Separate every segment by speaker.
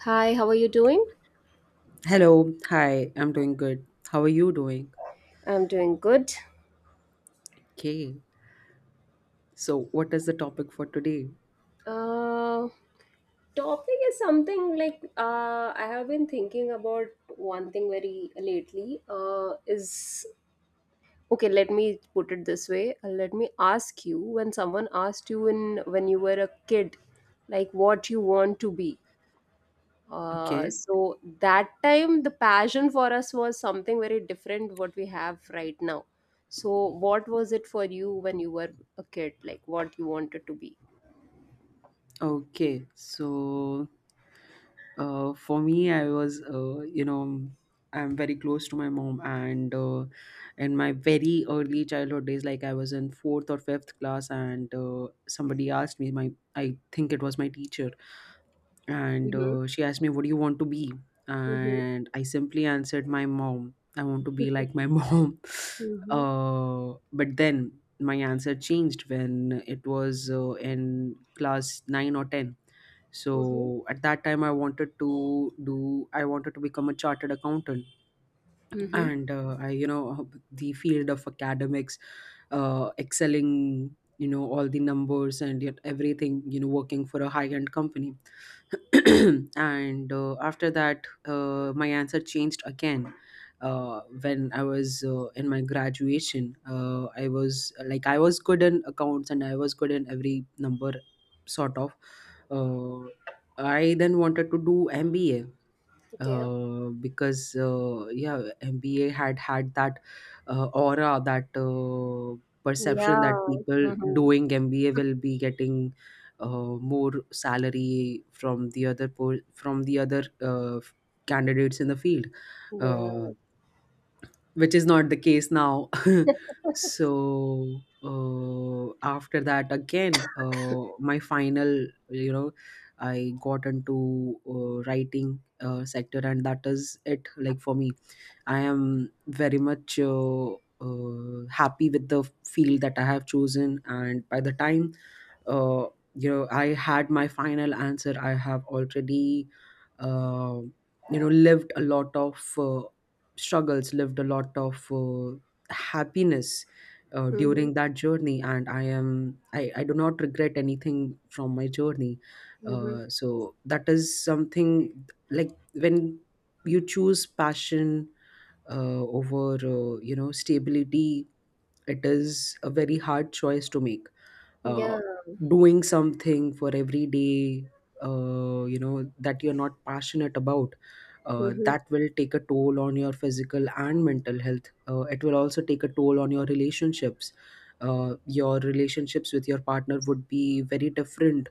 Speaker 1: Hi, how are you doing?
Speaker 2: Hello, hi, I'm doing good. How are you doing?
Speaker 1: I'm doing good.
Speaker 2: Okay, so what is the topic for today?
Speaker 1: Uh, topic is something like I have been thinking about one thing very lately. Is Okay. Let me put it this way. Let me ask you. When someone asked you in when you were a kid, like what you want to be. Uh,
Speaker 2: Okay,
Speaker 1: so that time the passion for us was something very different what we have right now. So what was it for you when you were a kid? Like what you wanted to be?
Speaker 2: okay, so for me, I was, you know, I'm very close to my mom, and in my very early childhood days, like I was in fourth or fifth class, and somebody asked me, my I think it was my teacher, and
Speaker 1: Mhm.
Speaker 2: she asked me, what do you want to be?
Speaker 1: Mhm.
Speaker 2: And I simply answered, my mom, I want to be like my mom.
Speaker 1: Mhm.
Speaker 2: But then my answer changed when it was in class 9 or 10. So
Speaker 1: Mhm.
Speaker 2: at that time, I wanted to become a chartered accountant.
Speaker 1: Mhm.
Speaker 2: And the field of academics, excelling, all the numbers and yet everything, working for a high-end company. And after that, my answer changed again. When I was in my graduation, I was like I was good in accounts and I was good in every number, sort of. Uh, I then wanted to do MBA
Speaker 1: Okay.
Speaker 2: because yeah, MBA had had that aura, that perception
Speaker 1: Yeah.
Speaker 2: that people
Speaker 1: Mhm.
Speaker 2: doing MBA will be getting more salary from the other candidates in the field.
Speaker 1: Yeah.
Speaker 2: Uh, which is not the case now. So after that, again, my final, you know, I got into writing sector, and that is it. Like for me, I am very much. Happy with the field that I have chosen, and by the time uh, I had my final answer, I have already uh, lived a lot of struggles, lived a lot of happiness
Speaker 1: Mhm.
Speaker 2: during that journey, and I do not regret anything from my journey.
Speaker 1: Mhm.
Speaker 2: So that is something like, when you choose passion over you know, stability, it is a very hard choice to make. uh,
Speaker 1: Yeah.
Speaker 2: Doing something for every day you know, that you're not passionate about,
Speaker 1: Mhm.
Speaker 2: that will take a toll on your physical and mental health. It will also take a toll on your relationships. Your relationships with your partner would be very different.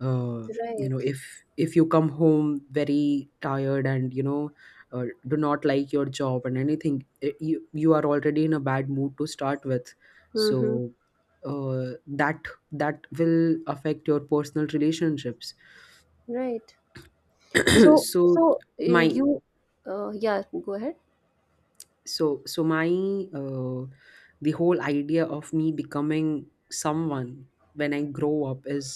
Speaker 2: uh, you know,
Speaker 1: Right.
Speaker 2: if you come home very tired and, do not like your job and anything, you are already in a bad mood to start with.
Speaker 1: Mhm.
Speaker 2: So uh, that will affect your personal relationships.
Speaker 1: Right. So,
Speaker 2: so
Speaker 1: so uh,
Speaker 2: my
Speaker 1: you, yeah, go ahead.
Speaker 2: so so my uh, the whole idea of me becoming someone when I grow up is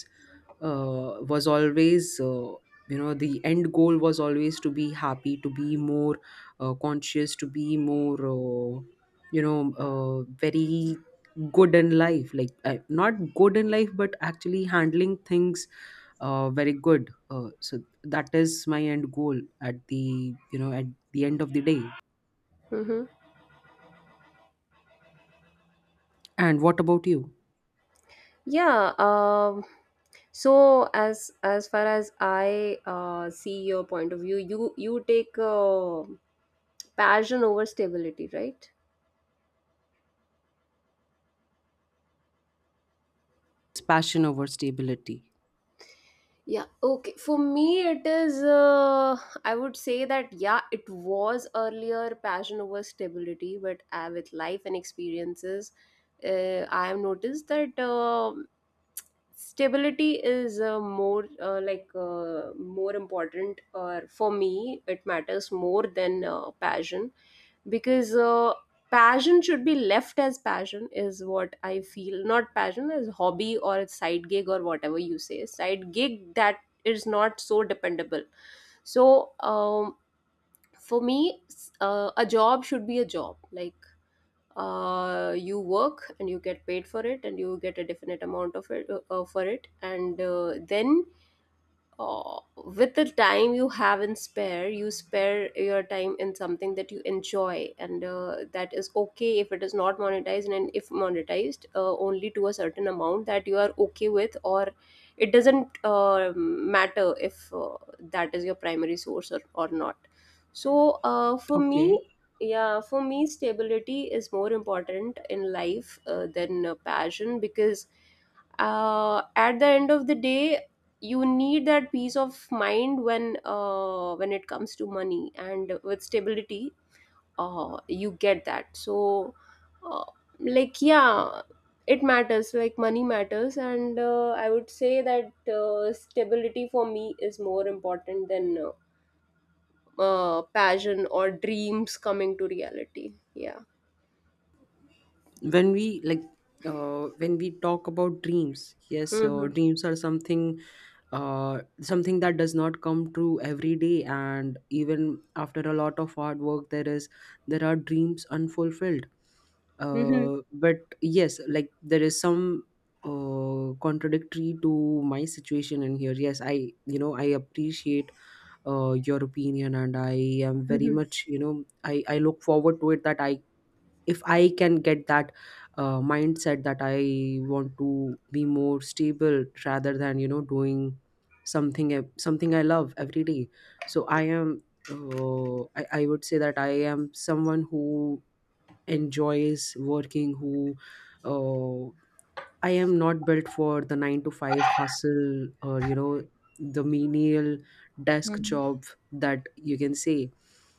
Speaker 2: was always you know, the end goal was always to be happy, to be more conscious, to be more very good in life, like not good in life but actually handling things very good. So that is my end goal at the, at the end of the day.
Speaker 1: Mhm.
Speaker 2: And what about you?
Speaker 1: Yeah. So as far as I see your point of view, you take passion over stability, right?
Speaker 2: It's passion over stability.
Speaker 1: Yeah, okay. For me, it is, I would say that, yeah, it was earlier passion over stability, but with life and experiences, I have noticed that. Stability is more more important, or for me it matters more than passion, because passion should be left as passion is what I feel, not passion as hobby or a side gig or whatever you say side gig that is not so dependable. So for me a job should be a job, like you work and you get paid for it, and you get a definite amount of it for it, and then with the time you have in spare, you spare your time in something that you enjoy, and that is okay if it is not monetized, and if monetized, only to a certain amount that you are okay with, or it doesn't matter if that is your primary source or not. So, for
Speaker 2: Okay.
Speaker 1: me, yeah, for me, stability is more important in life than passion, because at the end of the day you need that peace of mind when it comes to money, and with stability you get that. So uh, like, yeah, it matters, like money matters, and I would say that stability for me is more important than passion or dreams coming to reality. Yeah.
Speaker 2: When we, like, when we talk about dreams, yes,
Speaker 1: Hmm.
Speaker 2: dreams are something that does not come true every day, and even after a lot of hard work, there is there are dreams unfulfilled.
Speaker 1: Hmm.
Speaker 2: But yes, like, there is some contradictory to my situation in here. Yes, I appreciate your opinion, and I am very
Speaker 1: Hmm.
Speaker 2: much, you know I look forward to it, that I if I can get that mindset, that I want to be more stable rather than, doing something, something I love every day. So I would say that I am someone who enjoys working, who uh, I am not built for the nine to five hustle, or, you know, the menial desk job, that you can say.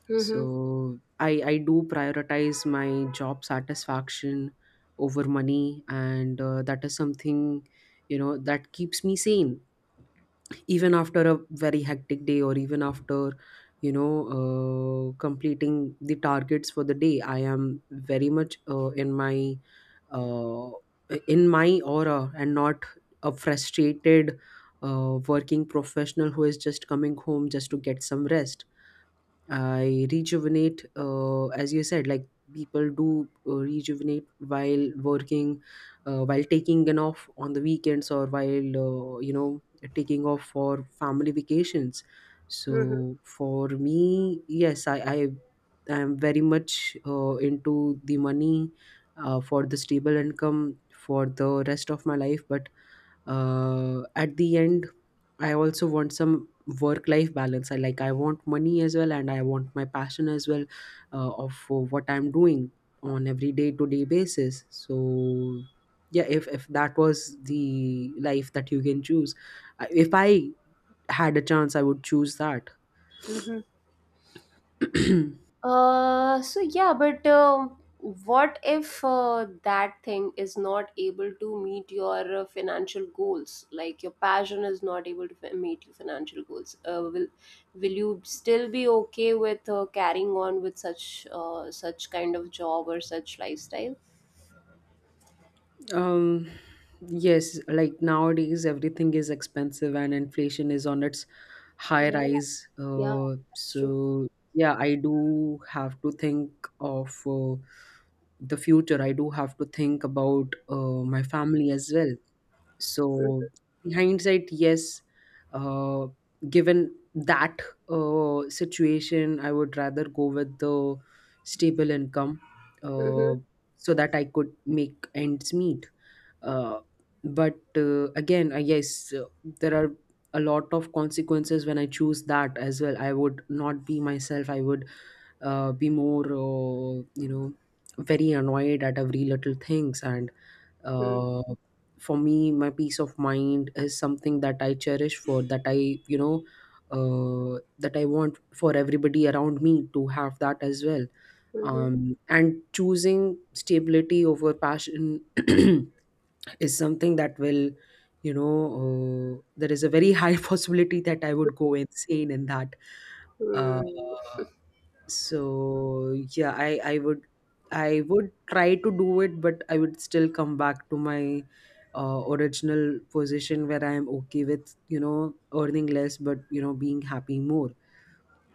Speaker 1: Hmm.
Speaker 2: So I, do prioritize my job satisfaction over money, and that is something, you know, that keeps me sane even after a very hectic day, or even after, completing the targets for the day. I am very much in my uh, aura, and not a frustrated working professional who is just coming home just to get some rest. I rejuvenate, as you said, like, people do rejuvenate while working, while taking an off on the weekends, or while, uh, you know, taking off for family vacations.
Speaker 1: Hmm.
Speaker 2: So for me, yes, I, am very much into the money for the stable income for the rest of my life. But at the end, I also want some work life balance. I want money as well, and I want my passion as well, of what I'm doing on every day to day basis. So yeah, if that was the life that you can choose, if I had a chance, I would choose that.
Speaker 1: Hmm. So yeah, but what if that thing is not able to meet your financial goals? Like your passion is not able to meet your financial goals. Will you still be okay with carrying on with such kind of job or such lifestyle?
Speaker 2: Um, yes, like, nowadays everything is expensive and inflation is on its high
Speaker 1: Yeah,
Speaker 2: rise.
Speaker 1: yeah, that's true.
Speaker 2: So yeah, I do have to think of the future. I do have to think about my family as well. So, in hindsight, yes, uh, given that situation, I would rather go with the stable income,
Speaker 1: Mm-hmm.
Speaker 2: uh, so that I could make ends meet. Uh, but again, I guess there are a lot of consequences when I choose that as well. I would not be myself. I would be more, you know, very annoyed at every little things, and
Speaker 1: Mm-hmm.
Speaker 2: uh, for me, my peace of mind is something that I cherish. For that, I you know that I want for everybody around me to have that as well.
Speaker 1: Mm-hmm.
Speaker 2: Um, and choosing stability over passion is something that will you know there is a very high possibility that I would go insane in that, uh, so yeah, I would try to do it, but I would still come back to my original position, where I am okay with, earning less, but, being happy more.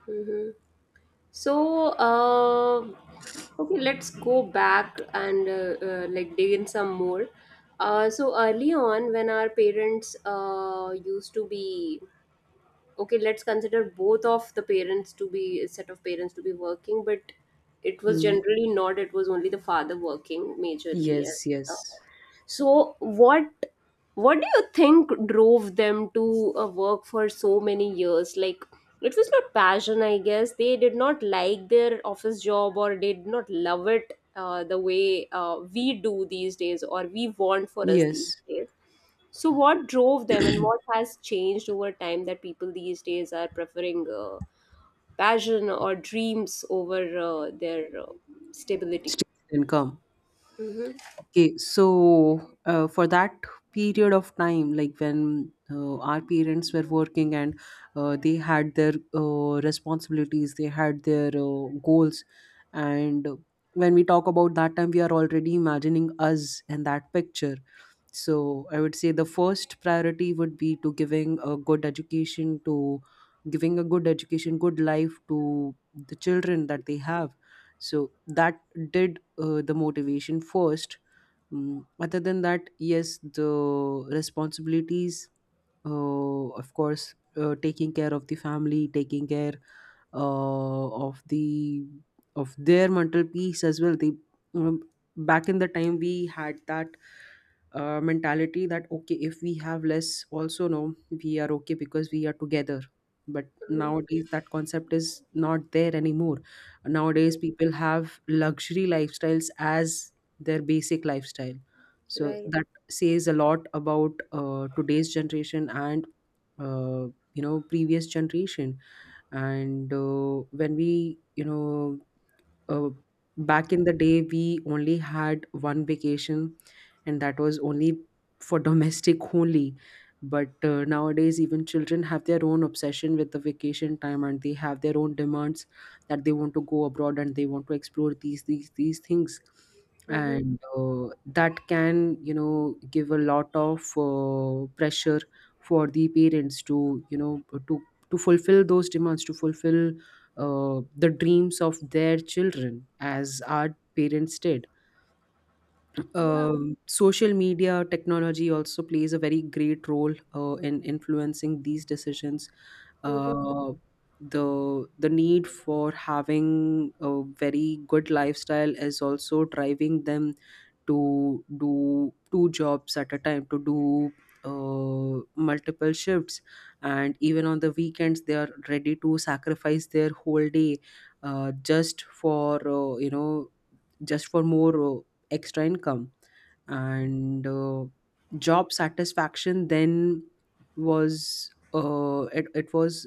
Speaker 1: Mm-hmm. So, okay, let's go back and like dig in some more. So early on, when our parents used to be okay, let's consider both of the parents to be set of parents to be working, but it was
Speaker 2: Hmm.
Speaker 1: generally not, it was only the father working majorly and
Speaker 2: Yes,
Speaker 1: stuff.
Speaker 2: yes,
Speaker 1: So what do you think drove them to work for so many years, like it was not passion, I guess they did not like their office job or did not love it the way we do these days, or we want for us these
Speaker 2: yes.
Speaker 1: days. So, what drove them, and what has changed over time that people these days are preferring passion or dreams over their stability?
Speaker 2: Stable income.
Speaker 1: Mm-hmm,
Speaker 2: Okay, so for that period of time, like when our parents were working, and they had their responsibilities, they had their goals, and when we talk about that time, we are already imagining us in that picture. So I would say the first priority would be to giving a good education, good life to the children that they have. So that did the motivation first. Mm, other than that, yes, the responsibilities, of course, taking care of the family, taking care uh, of the of their mental peace as well. They, um, back in the time, we had that mentality that, okay, if we have less, also no, we are okay because we are together. But
Speaker 1: mm-hmm,
Speaker 2: nowadays, that concept is not there anymore.
Speaker 1: mm-hmm.
Speaker 2: Nowadays, people have luxury lifestyles as their basic lifestyle. So
Speaker 1: Right.
Speaker 2: that says a lot about today's generation and uh, you know, previous generation. And when we, uh, back in the day, we only had one vacation, and that was only for domestic only. But nowadays, even children have their own obsession with the vacation time, and they have their own demands that they want to go abroad, and they want to explore these things.
Speaker 1: Mm-hmm.
Speaker 2: And that can, you know, give a lot of pressure for the parents to, to fulfill those demands, to fulfill the dreams of their children, as our parents did.
Speaker 1: Yeah.
Speaker 2: Social media, technology also plays a very great role in influencing these decisions.
Speaker 1: Mm-hmm.
Speaker 2: Uh, the need for having a very good lifestyle is also driving them to do two jobs at a time, to do multiple shifts, and even on the weekends they are ready to sacrifice their whole day just for, just for more extra income. And job satisfaction then was it,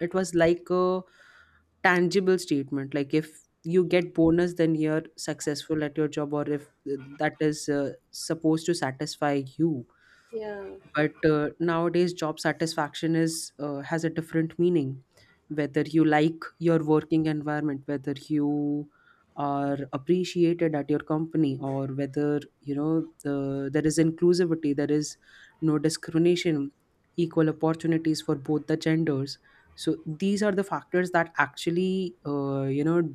Speaker 2: it was like a tangible statement, like, if you get bonus then you're successful at your job, or if that is supposed to satisfy you.
Speaker 1: Yeah.
Speaker 2: But nowadays, job satisfaction is has a different meaning. Whether you like your working environment, whether you are appreciated at your company, or whether, there is inclusivity, there is no discrimination, equal opportunities for both the genders. So these are the factors that actually, uh, you know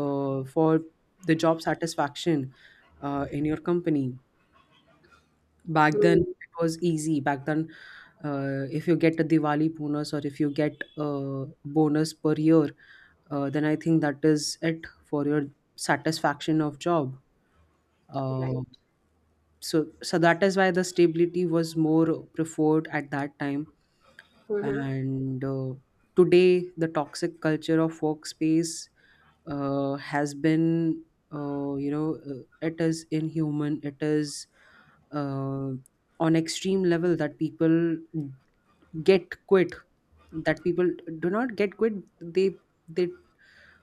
Speaker 2: uh, for the job satisfaction in your company. Back then,
Speaker 1: Mm.
Speaker 2: it was easy. Back then, if you get a Diwali bonus, or if you get a bonus per year, then I think that is it for your satisfaction of job. Uh,
Speaker 1: Right.
Speaker 2: so that is why the stability was more preferred at that time,
Speaker 1: Mm-hmm.
Speaker 2: and today the toxic culture of workspace has been, it is inhuman. It is uh, on extreme level that people get quit, that people do not get quit. they they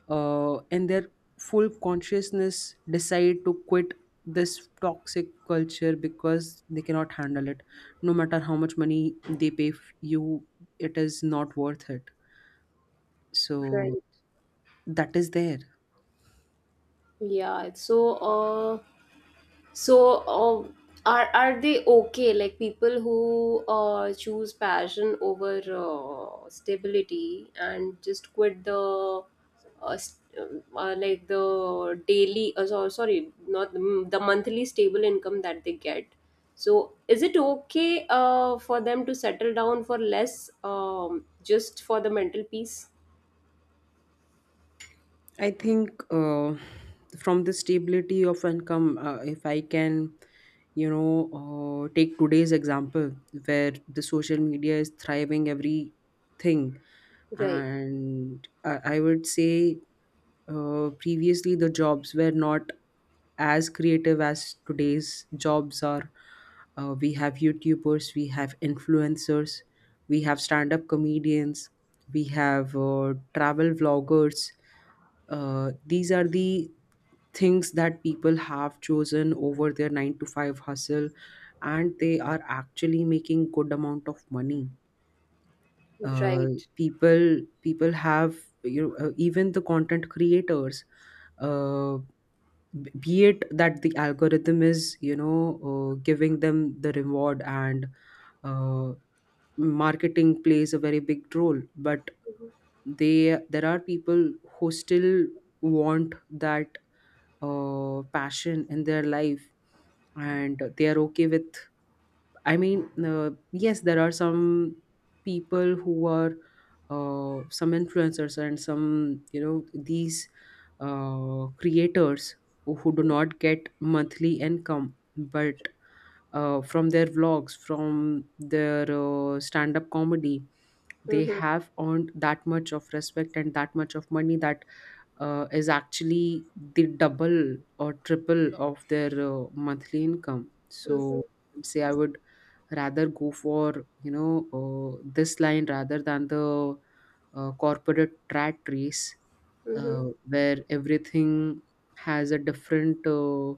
Speaker 2: uh, in their full consciousness decide to quit this toxic culture because they cannot handle it. No matter how much money they pay you, it is not worth it. So
Speaker 1: Right.
Speaker 2: that is there.
Speaker 1: Yeah. So, are they okay? Like people who choose passion over stability and just quit the like the daily so, sorry, not the, the monthly stable income that they get. So, is it okay for them to settle down for less, just for the mental peace?
Speaker 2: I think from the stability of income, if I can you know take today's example where the social media is thriving everything,
Speaker 1: Right,
Speaker 2: and I would say, previously, the jobs were not as creative as today's jobs are. We have YouTubers, we have influencers, we have stand up comedians, we have travel vloggers. These are the things that people have chosen over their 9 to 5 hustle, and they are actually making good amount of money. uh,
Speaker 1: right.
Speaker 2: people have, even the content creators, uh, be it that the algorithm is giving them the reward, and uh, marketing plays a very big role, but
Speaker 1: Mm-hmm.
Speaker 2: they there are people who still want that passion in their life, and they are okay with, I mean, yes, there are some people who are, some influencers and some, these, creators who do not get monthly income, but from their vlogs, from their stand up comedy, they
Speaker 1: Mm-hmm.
Speaker 2: have earned that much of respect and that much of money that is actually the double or triple of their monthly income. So I'd say I would rather go for this line rather than the corporate rat race,
Speaker 1: Mm-hmm.
Speaker 2: where everything has a different,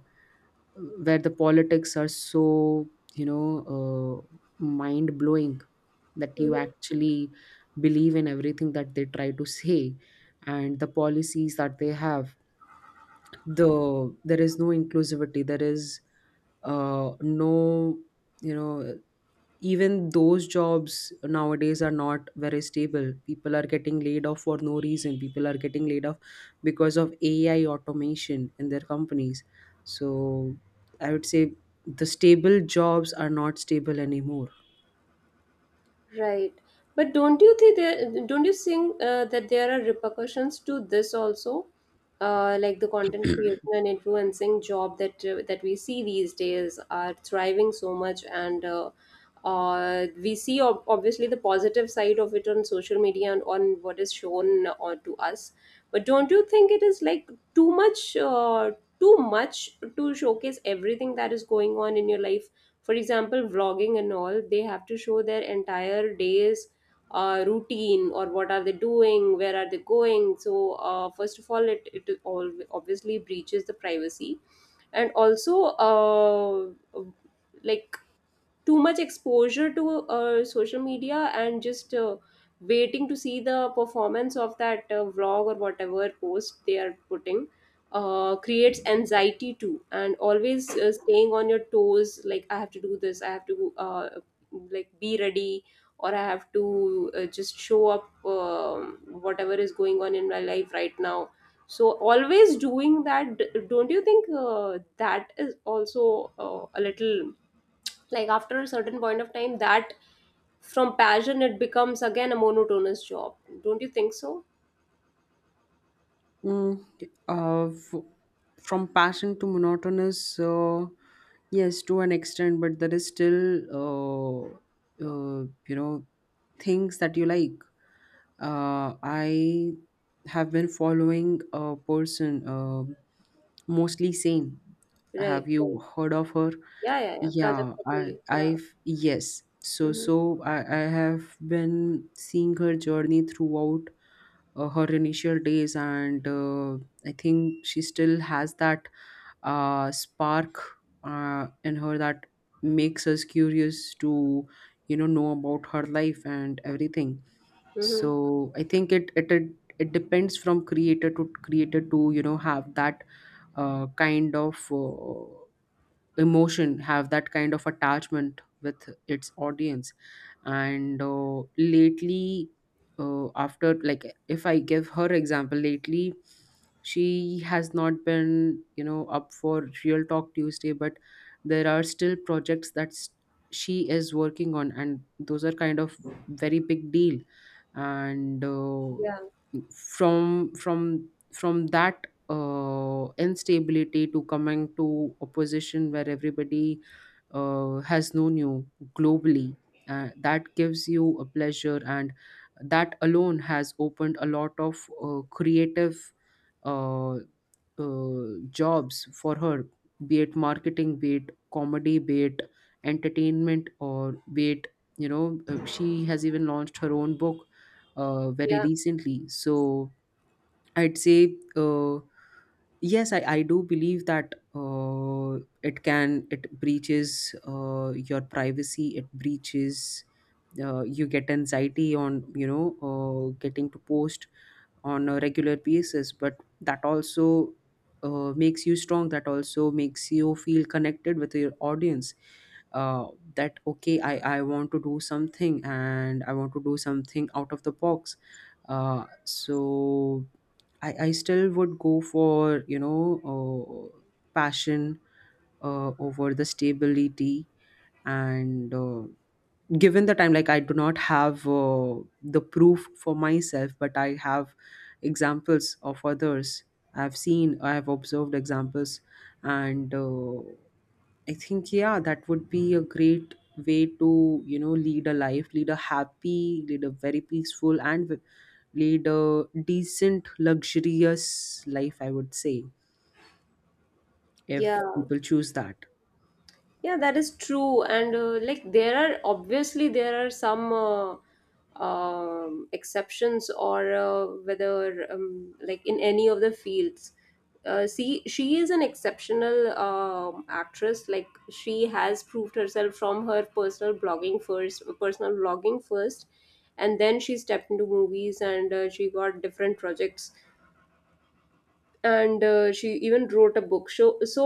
Speaker 2: where the politics are so, you know uh, mind blowing, that you
Speaker 1: Mm-hmm.
Speaker 2: actually believe in everything that they try to say, and the policies that they have. There is no inclusivity, there is no, you know even those jobs nowadays are not very stable. People are getting laid off for no reason. People are getting laid off because of ai automation in their companies. So I would say the stable jobs are not stable anymore.
Speaker 1: Right. But don't you think that there are repercussions to this also? Like the content creation and influencing job that we see these days are thriving so much, and we see obviously the positive side of it on social media and on what is shown to us. But don't you think it is like too much, uh, too much to showcase everything that is going on in your life? For example, vlogging and all, they have to show their entire day's routine, or what are they doing, where are they going. So first of all, it all obviously breaches the privacy, and also uh, like too much exposure to social media and just waiting to see the performance of that vlog or whatever post they are putting creates anxiety too, and always staying on your toes, like I have to do this, I have to like be ready, or I have to just show up, whatever is going on in my life right now. So always doing that, don't you think that is also a little, like after a certain point of time, that from passion it becomes again a monotonous job. Don't you think so?
Speaker 2: Mm, uh, f- from passion to monotonous, yes, to an extent, but there is still, uh, you know, things that you like. I have been following a person, Mostly Sane.
Speaker 1: Right.
Speaker 2: Have
Speaker 1: Right.
Speaker 2: you heard of her?
Speaker 1: Yeah, yeah, yeah. Project
Speaker 2: Yeah,
Speaker 1: Kapoli. Yeah.
Speaker 2: yes. So,
Speaker 1: Mm-hmm.
Speaker 2: so I have been seeing her journey throughout her initial days, and I think she still has that spark in her that makes us curious to know about her life and everything.
Speaker 1: Mm-hmm.
Speaker 2: So I think it depends from creator to creator to have that kind of emotion, have that kind of attachment with its audience. And lately, after, like, if I give her example, lately she has not been up for Real Talk Tuesday, but there are still projects that she is working on, and those are kind of very big deal. and uh,
Speaker 1: Yeah.
Speaker 2: from from from that instability, to coming to a position where everybody has known you globally. That gives you a pleasure, and that alone has opened a lot of creative uh, jobs for her, be it marketing, be it comedy, be it entertainment, or be it. She has even launched her own book very
Speaker 1: Yeah.
Speaker 2: recently. So, I'd say yes, I do believe that it can, it breaches your privacy, it breaches, you get anxiety on, getting to post on a regular basis, but that also makes you strong, that also makes you feel connected with your audience. Uh, that okay, I want to do something and I want to do something out of the box. So I still would go for passion over the stability. And given the time, like, I do not have the proof for myself, but I have examples of others. I've seen, I have observed examples. And I think, yeah, that would be a great way to lead a life, lead a happy, lead a very peaceful and lead a decent, luxurious life, I would say,
Speaker 1: Yeah.
Speaker 2: if people choose that.
Speaker 1: Yeah, that is true. And like there are obviously there are some exceptions, or whether like in any of the fields. See, she is an exceptional actress. Like she has proved herself from her personal blogging first, and then she stepped into movies, and she got different projects, and she even wrote a book. So, so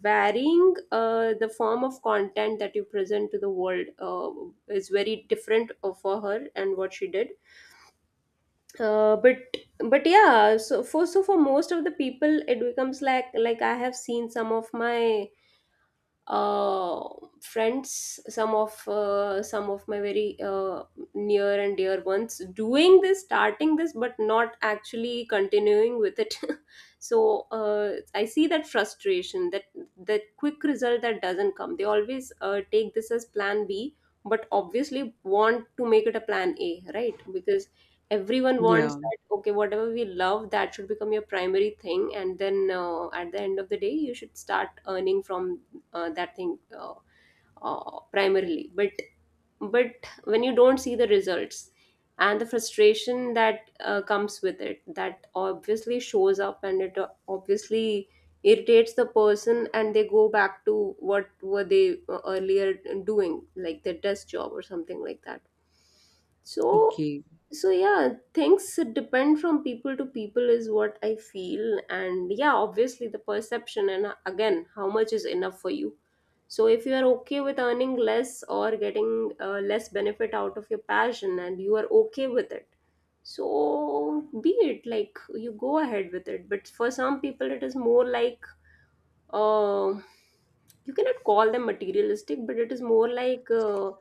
Speaker 1: varying the form of content that you present to the world is very different for her and what she did, uh, but but yeah, so for most of the people it becomes like I have seen some of my uh, friends, some of my very near and dear ones doing this, starting this, but not actually continuing with it. So I see that frustration, that that quick result that doesn't come, they always take this as plan B, but obviously want to make it a plan A, right? Because everyone wants
Speaker 2: Yeah,
Speaker 1: that, okay, whatever we love, that should become your primary thing, and then at the end of the day you should start earning from that thing primarily, but when you don't see the results and the frustration that comes with it, that obviously shows up, and it obviously irritates the person and they go back to what were they earlier doing, like their desk job or something like that. So
Speaker 2: okay,
Speaker 1: so yeah, things depend from people to people is what I feel, and yeah, obviously the perception, and again, how much is enough for you. So if you are okay with earning less or getting less benefit out of your passion, and you are okay with it, so be it, like you go ahead with it. But for some people it is more like uh, you cannot call them materialistic, but it is more like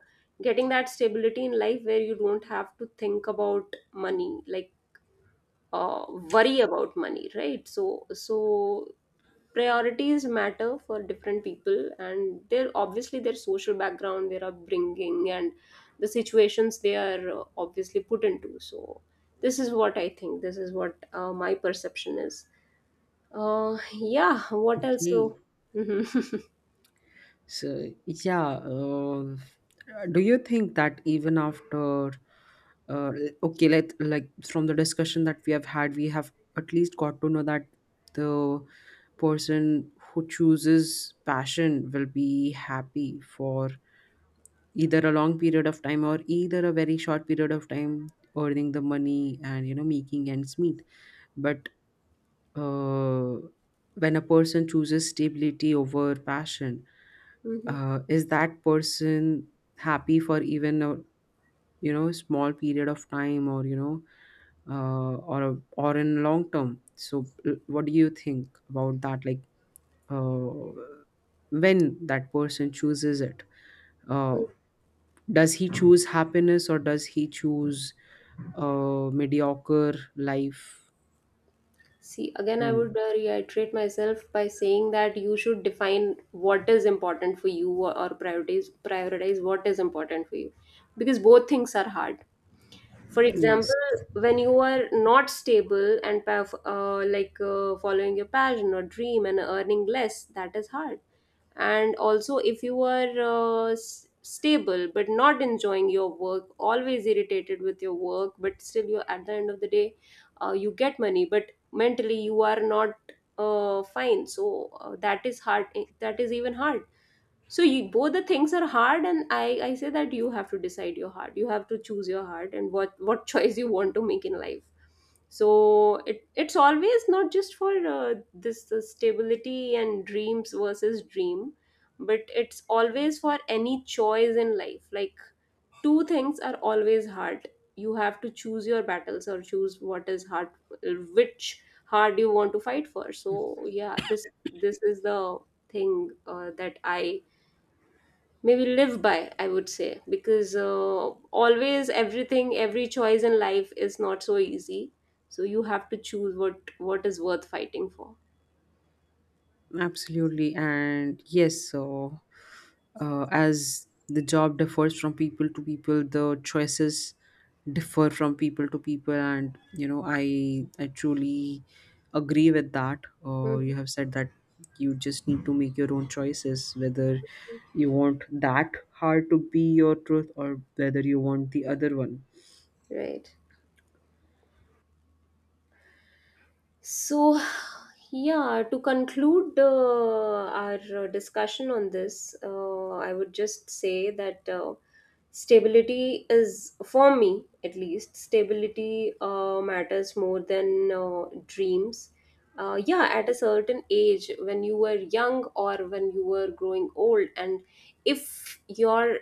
Speaker 1: getting that stability in life where you don't have to think about money, like worry about money, right? So, so priorities matter for different people, and they're obviously their social background, their upbringing, and the situations they are obviously put into. So, this is what I think. This is what my perception is. Yeah. What else?
Speaker 2: okay.
Speaker 1: So.
Speaker 2: So, yeah, do you think that even after, uh, okay, let like from the discussion that we have had, we have at least got to know that the person who chooses passion will be happy for either a long period of time or either a very short period of time, earning the money and making ends meet. But uh, when a person chooses stability over passion,
Speaker 1: Hmm.
Speaker 2: is that person happy for even a small period of time, or or a, or in long term? So what do you think about that? Like, uh, when that person chooses it, uh, does he choose happiness or does he choose a mediocre life?
Speaker 1: See, again,
Speaker 2: I
Speaker 1: I
Speaker 2: don't know.
Speaker 1: would reiterate myself by saying that you should define what is important for you, or prioritize what is important for you, because both things are hard. For example,
Speaker 2: Yes,
Speaker 1: when you are not stable and like following your passion or dream and earning less, that is hard. And also, if you are stable but not enjoying your work, always irritated with your work, but still you at the end of the day you get money, but mentally you are not fine, so that is hard, that is even hard. So you, both the things are hard, and I say that you have to decide your heart, you have to choose your heart and what choice you want to make in life. So it, it's always not just for this stability and dreams versus dream, but it's always for any choice in life, like two things are always hard, you have to choose your battles, or choose what is hard, which hard you want to fight for. So yeah, this is the thing that I maybe live by, I would say. Because always everything, every choice in life is not so easy, so you have to choose what is worth fighting for.
Speaker 2: absolutely. And yes, so as the job differs from people to people, the choices differ from people to people. And I truly agree with that
Speaker 1: Mhm.
Speaker 2: you have said, that you just need to make your own choices, whether you want that hard to be your truth or whether you want the other one.
Speaker 1: Right. So, yeah, to conclude our discussion on this, I would just say that stability is, for me at least, stability matters more than dreams. Yeah, at a certain age, when you were young or when you were growing old, and if your,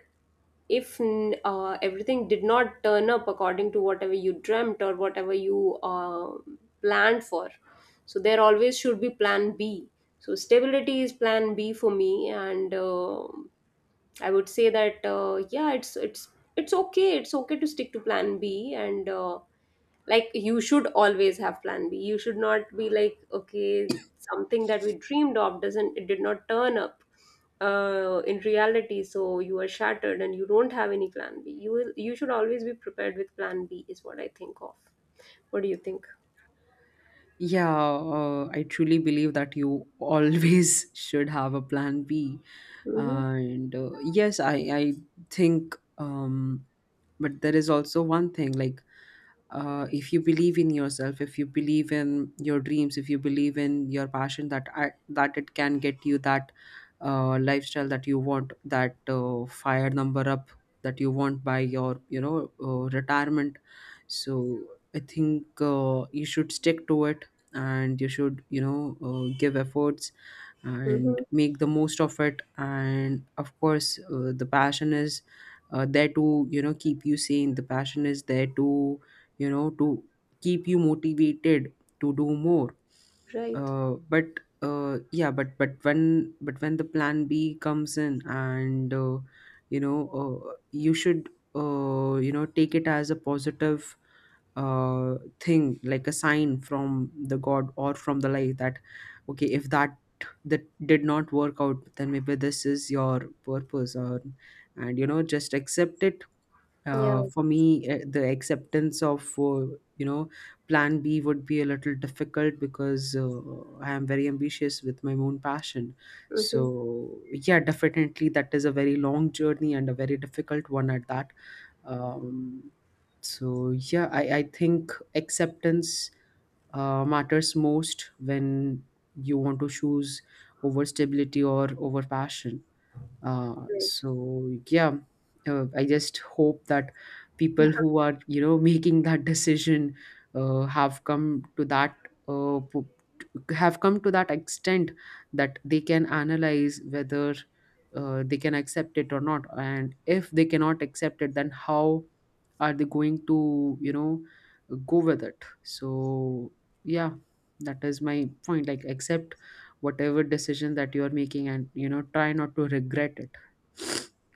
Speaker 1: if everything did not turn up according to whatever you dreamt or whatever you planned for, so there always should be plan B. So stability is plan B for me, and I would say that yeah, it's okay, it's okay to stick to plan B. And like, you should always have plan B, you should not be like, okay, something that we dreamed of doesn't, it did not turn up in reality, so you are shattered and you don't have any plan B. You will, you should always be prepared with plan B is what I think of. What do you think?
Speaker 2: Yeah, I truly believe that you always should have a plan B.
Speaker 1: Mm-hmm,
Speaker 2: And yes, I think, but there is also one thing, like, if you believe in yourself, if you believe in your dreams, if you believe in your passion, that that it can get you that lifestyle that you want, that fire number up that you want by your retirement. So I think you should stick to it, and you should give efforts
Speaker 1: mm-hmm,
Speaker 2: and make the most of it. And of course the passion is there to keep you sane. The passion is there to to keep you motivated to do more.
Speaker 1: right,
Speaker 2: But yeah, but when the plan B comes in, and you should take it as a positive thing, like a sign from the god or from the life, that okay, if that, did not work out, then maybe this is your purpose. Or and just accept it.
Speaker 1: yeah,
Speaker 2: For me, the acceptance of you know Plan B would be a little difficult, because I am very ambitious with my own passion.
Speaker 1: mm-hmm,
Speaker 2: So yeah, definitely that is a very long journey and a very difficult one at that. Um, so yeah, I think acceptance matters most when you want to choose over stability or over passion. Uh,
Speaker 1: right.
Speaker 2: so yeah, I just hope that people who are making that decision uh, have come to that uh, po- have come to that extent, that they can analyze whether they can accept it or not. And if they cannot accept it, then how are they going to go with it? So yeah, that is my point. Like, accept whatever decision that you are making, and try not to regret it.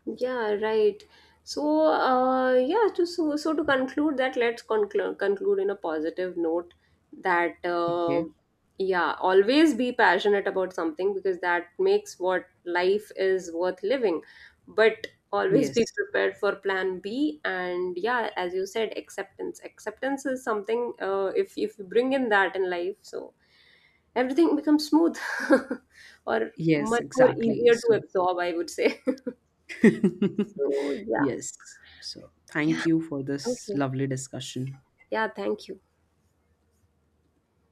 Speaker 1: Yeah, right. So, yeah, to, so, so to conclude that, let's conclude in a positive note that,
Speaker 2: Okay.
Speaker 1: yeah, always be passionate about something because that makes what life is worth living. But always
Speaker 2: Yes.
Speaker 1: be prepared for plan B. And yeah, as you said, acceptance. Acceptance is something, if you bring in that in life, so everything becomes smooth, or
Speaker 2: Yes,
Speaker 1: much more
Speaker 2: exactly.
Speaker 1: easier to
Speaker 2: So,
Speaker 1: absorb, I would say. So, yeah.
Speaker 2: yes. So, thank you for this
Speaker 1: Okay.
Speaker 2: lovely discussion.
Speaker 1: Yeah, thank you.